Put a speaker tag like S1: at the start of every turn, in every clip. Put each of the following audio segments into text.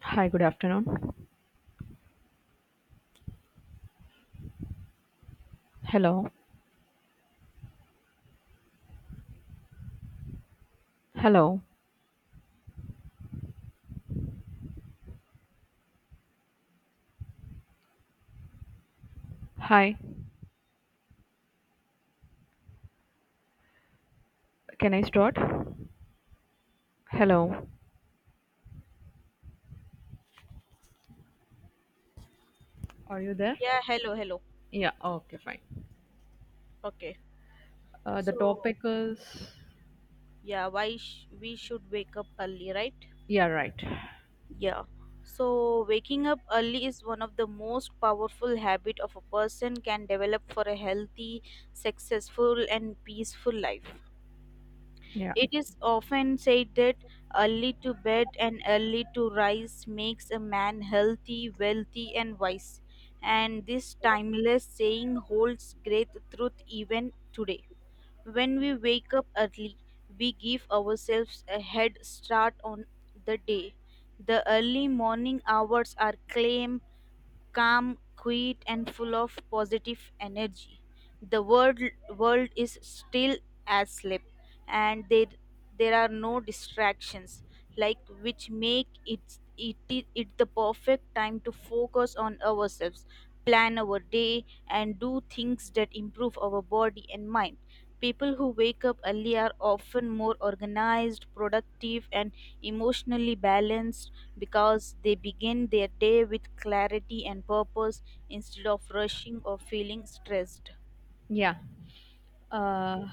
S1: Hi, good afternoon. Hello. Hello. Hi. Can I start? Hello. Are you there?
S2: Yeah, hello, hello.
S1: Yeah, okay, fine.
S2: Okay.
S1: The
S2: So,
S1: topic is.
S2: yeah, why we should wake up early, right?
S1: Yeah, right.
S2: Yeah. So, waking up early is one of the most powerful habit of a person can develop for a healthy, successful and peaceful life.
S1: Yeah.
S2: It is often said that early to bed and early to rise makes a man healthy, wealthy and wise. And this timeless saying holds great truth even today. When we wake up early, we give ourselves a head start on the day. The early morning hours are claimed calm, quiet, and full of positive energy. The world is still as sleep, and there are no distractions, like which make it the perfect time to focus on ourselves, plan our day, and do things that improve our body and mind. People who wake up early are often more organized, productive, and emotionally balanced because they begin their day with clarity and purpose instead of rushing or feeling stressed.
S1: Yeah. Uh,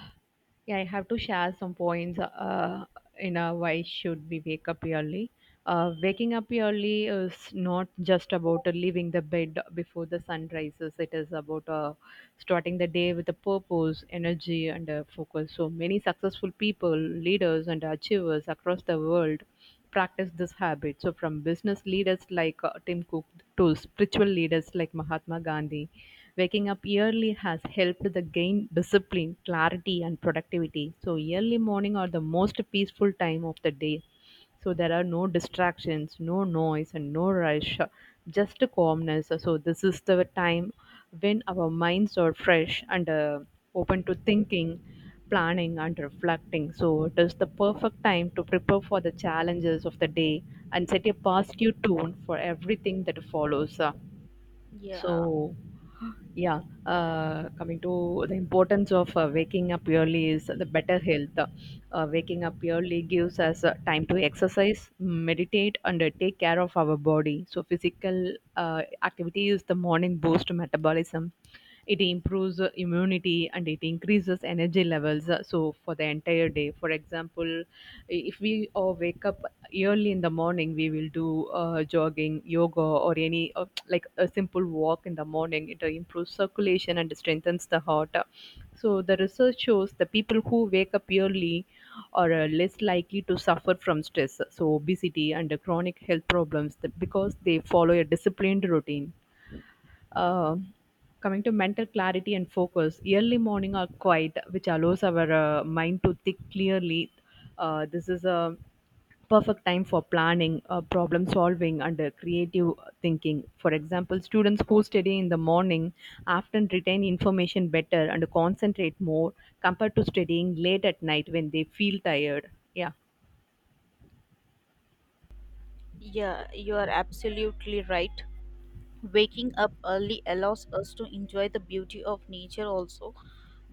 S1: yeah, I have to share some points. You know why should we wake up early? Waking up early is not just about leaving the bed before the sun rises. It is about starting the day with a purpose, energy, and focus. So many successful people, leaders, and achievers across the world practice this habit. So from business leaders like Tim Cook to spiritual leaders like Mahatma Gandhi. Waking up early has helped the gain discipline, clarity, and productivity. So early morning are the most peaceful time of the day. So there are no distractions, no noise, and no rush, just calmness. So this is the time when our minds are fresh and open to thinking, planning, and reflecting. So it is the perfect time to prepare for the challenges of the day and set a positive tone for everything that follows.
S2: Yeah,
S1: So yeah, coming to the importance of waking up early is the better health. Waking up early gives us time to exercise, meditate, and take care of our body. So, physical activity is the morning boost to metabolism. It improves immunity and it increases energy levels, so for the entire day. For example, if we wake up early in the morning, we will do jogging, yoga, or any, like, a simple walk in the morning. It improves circulation and strengthens the heart. So the research shows the people who wake up early are less likely to suffer from stress, so obesity and chronic health problems, because they follow a disciplined routine. uh, Coming to mental clarity and focus, early morning are quiet, which allows our mind to think clearly. This is a perfect time for planning, problem solving, and creative thinking. For example, students who study in the morning often retain information better and concentrate more compared to studying late at night when they feel tired. Yeah.
S2: yeah, you are absolutely right. Waking up early allows us to enjoy the beauty of nature also.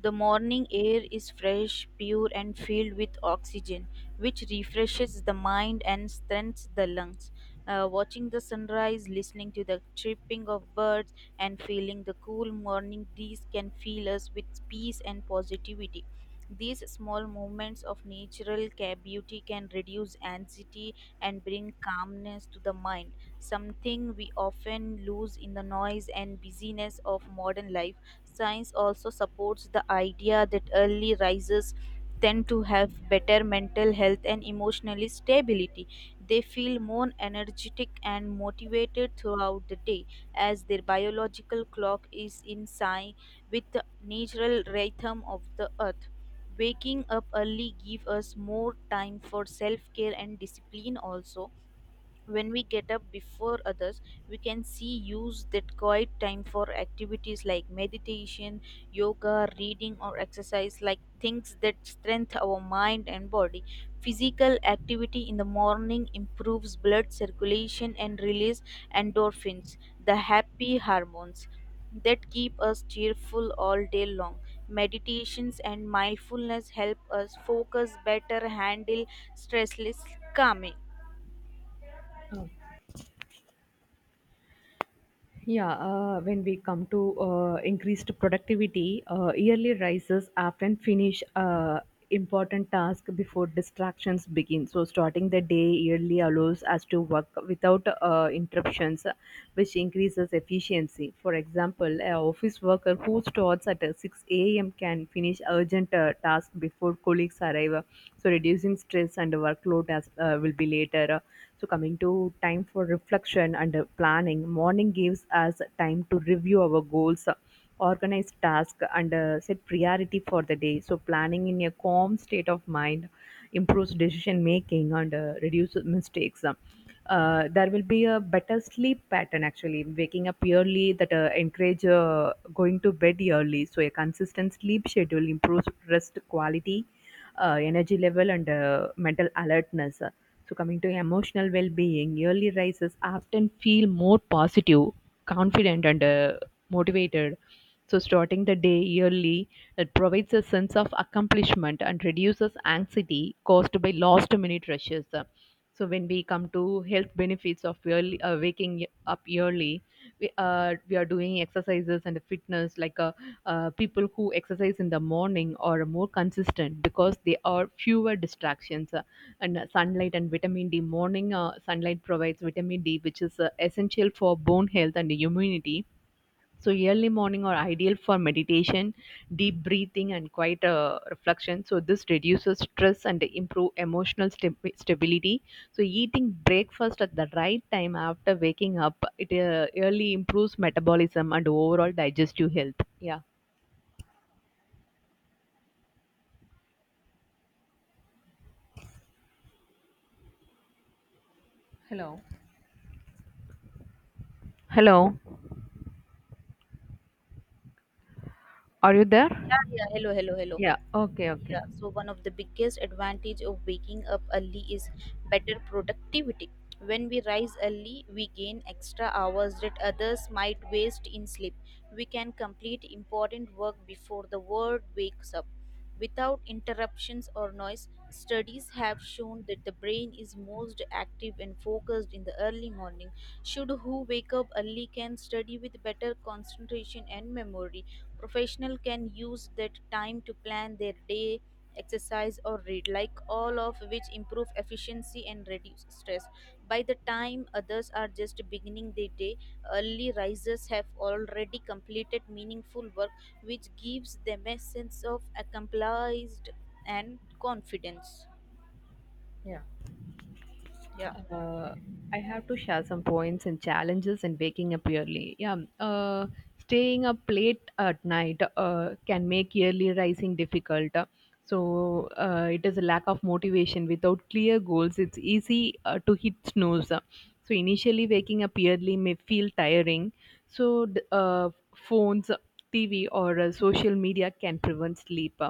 S2: The morning air is fresh, pure, and filled with oxygen, which refreshes the mind and strengthens the lungs. Watching the sunrise, listening to the chirping of birds, and feeling the cool morning breeze can fill us with peace and positivity. These small moments of natural beauty can reduce anxiety and bring calmness to the mind, something we often lose in the noise and busyness of modern life. Science also supports the idea that early risers tend to have better mental health and emotional stability. They feel more energetic and motivated throughout the day as their biological clock is in sync with the natural rhythm of the earth. Waking up early gives us more time for self care and discipline also. When we get up before others, we can see use that quiet time for activities like meditation, yoga, reading or exercise, like things that strengthen our mind and body. Physical activity in the morning improves blood circulation and release endorphins, the happy hormones that keep us cheerful all day long. Meditations and mindfulness help us focus better, handle stressless, calming.
S1: Yeah, when we come to increased productivity, yearly rises often finish important task before distractions begin. So starting the day early allows us to work without interruptions, which increases efficiency. For example, an office worker who starts at 6 a.m. can finish urgent tasks before colleagues arrive, so reducing stress and workload as will be later. So, coming to time for reflection and planning, morning gives us time to review our goals, organize tasks, and set priority for the day. So, planning in a calm state of mind improves decision making and reduces mistakes. There will be a better sleep pattern. Actually, waking up early, that encourage going to bed early. So a consistent sleep schedule improves rest quality, energy level, and mental alertness. So, coming to emotional well being, early rises often feel more positive, confident, and motivated. So, starting the day early, it provides a sense of accomplishment and reduces anxiety caused by last minute rushes. So when we come to health benefits of early, waking up early, we are doing exercises and fitness, like, people who exercise in the morning are more consistent because they are fewer distractions, and sunlight and vitamin D. Morning sunlight provides vitamin D, which is essential for bone health and immunity. So early morning are ideal for meditation, deep breathing, and quiet reflection. So this reduces stress and improve emotional stability. So eating breakfast at the right time after waking up, it, early, improves metabolism and overall digestive health. Yeah. Hello. Hello, are you there?
S2: Yeah, yeah. Hello, hello, hello.
S1: Yeah. Okay.
S2: Yeah.
S1: Okay.
S2: So one of the biggest advantage of waking up early is better productivity. When we rise early, we gain extra hours that others might waste in sleep. We can complete important work before the world wakes up. Without interruptions or noise, studies have shown that the brain is most active and focused in the early morning. Should who wake up early can study with better concentration and memory. Professional can use that time to plan their day, exercise or read, like all of which improve efficiency and reduce stress. By the time others are just beginning their day, early risers have already completed meaningful work, which gives them a sense of accomplished and confidence.
S1: Yeah.
S2: Yeah.
S1: Uh, I have to share some points and challenges in waking up early. Yeah, staying up late at night can make early rising difficult. So, it is a lack of motivation. Without clear goals, it's easy to hit snooze. So initially, waking up early may feel tiring. So, phones, TV, or social media can prevent sleep.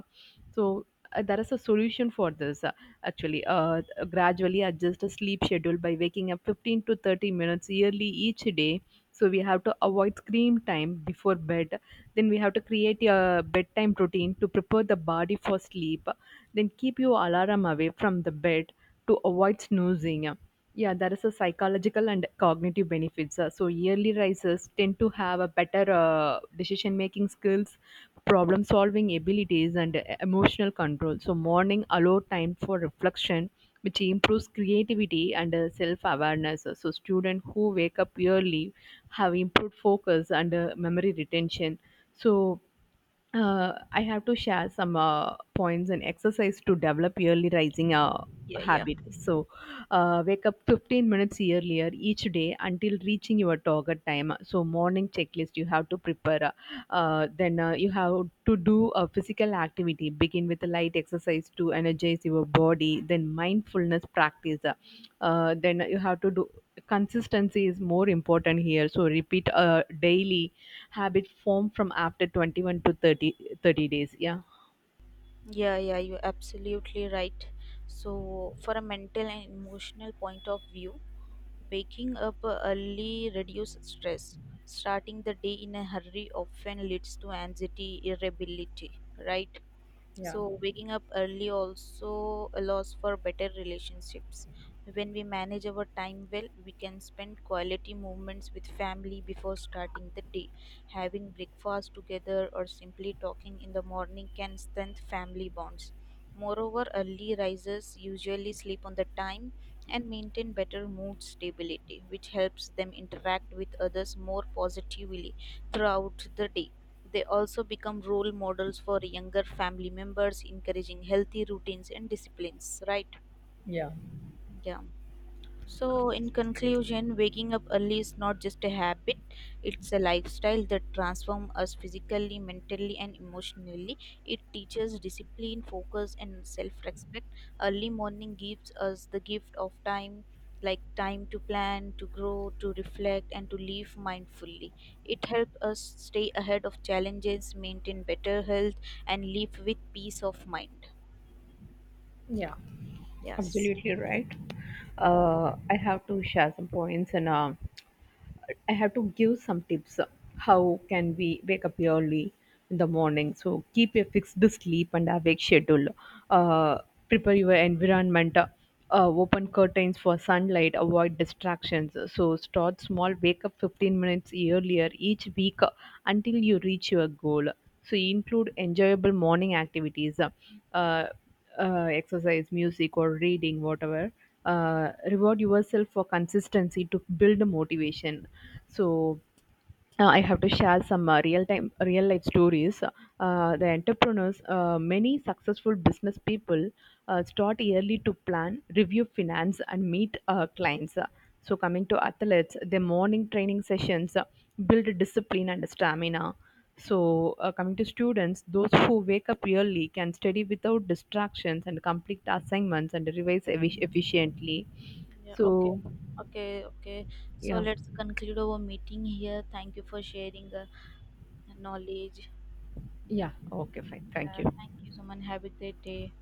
S1: So, there is a solution for this. Actually, gradually adjust the sleep schedule by waking up 15 to 30 minutes yearly each day. So we have to avoid screen time before bed, then we have to create a bedtime routine to prepare the body for sleep, then keep your alarm away from the bed to avoid snoozing. Yeah, there is a psychological and cognitive benefits. So yearly risers tend to have a better decision making skills, problem-solving abilities, and emotional control. So morning allow time for reflection, which improves creativity and self-awareness. So students who wake up early have improved focus and memory retention. So, I have to share some points and exercise to develop early rising
S2: Yeah, yeah.
S1: habit. So, wake up 15 minutes earlier each day until reaching your target time. So, morning checklist you have to prepare. Then, you have to do a physical activity, begin with a light exercise to energize your body, then mindfulness practice. Then you have to do consistency. Is more important here, so repeat a daily habit. Form from after 21 to thirty days. Yeah.
S2: Yeah, yeah, you're absolutely right. So, for a mental and emotional point of view, waking up early reduces stress. Starting the day in a hurry often leads to anxiety, irritability, right?
S1: Yeah,
S2: So waking up early also allows for better relationships. When we manage our time well, we can spend quality moments with family before starting the day. Having breakfast together or simply talking in the morning can strengthen family bonds. Moreover, early risers usually sleep on the time and maintain better mood stability, which helps them interact with others more positively throughout the day. They also become role models for younger family members, encouraging healthy routines and disciplines, right? Yeah. So, in conclusion, waking up early is not just a habit, it's a lifestyle that transforms us physically, mentally, and emotionally. It teaches discipline, focus, and self respect. Early morning gives us the gift of time, like time to plan, to grow, to reflect, and to live mindfully. It helps us stay ahead of challenges, maintain better health, and live with peace of mind.
S1: yeah,
S2: Yes.
S1: absolutely right. I have to share some points, and I have to give some tips. How can we wake up early in the morning? So keep a fixed sleep and awake schedule. Uh, Prepare your environment. Open curtains for sunlight. Avoid distractions. So start small. Wake up 15 minutes earlier each week, until you reach your goal. So include enjoyable morning activities. Uh, Exercise, music, or reading, whatever. Reward yourself for consistency to build the motivation. So, I have to share some real time, real life stories. The entrepreneurs, many successful business people start early to plan, review finance, and meet clients. So, coming to athletes, the morning training sessions build discipline and stamina. So, coming to students, those who wake up early can study without distractions and complete assignments and revise efficiently.
S2: Yeah, okay.
S1: So,
S2: Okay, okay. So
S1: yeah,
S2: let's conclude our meeting here. Thank you for sharing knowledge.
S1: yeah, okay, fine, thank
S2: Yeah,
S1: you.
S2: thank you, someone. Have a great day.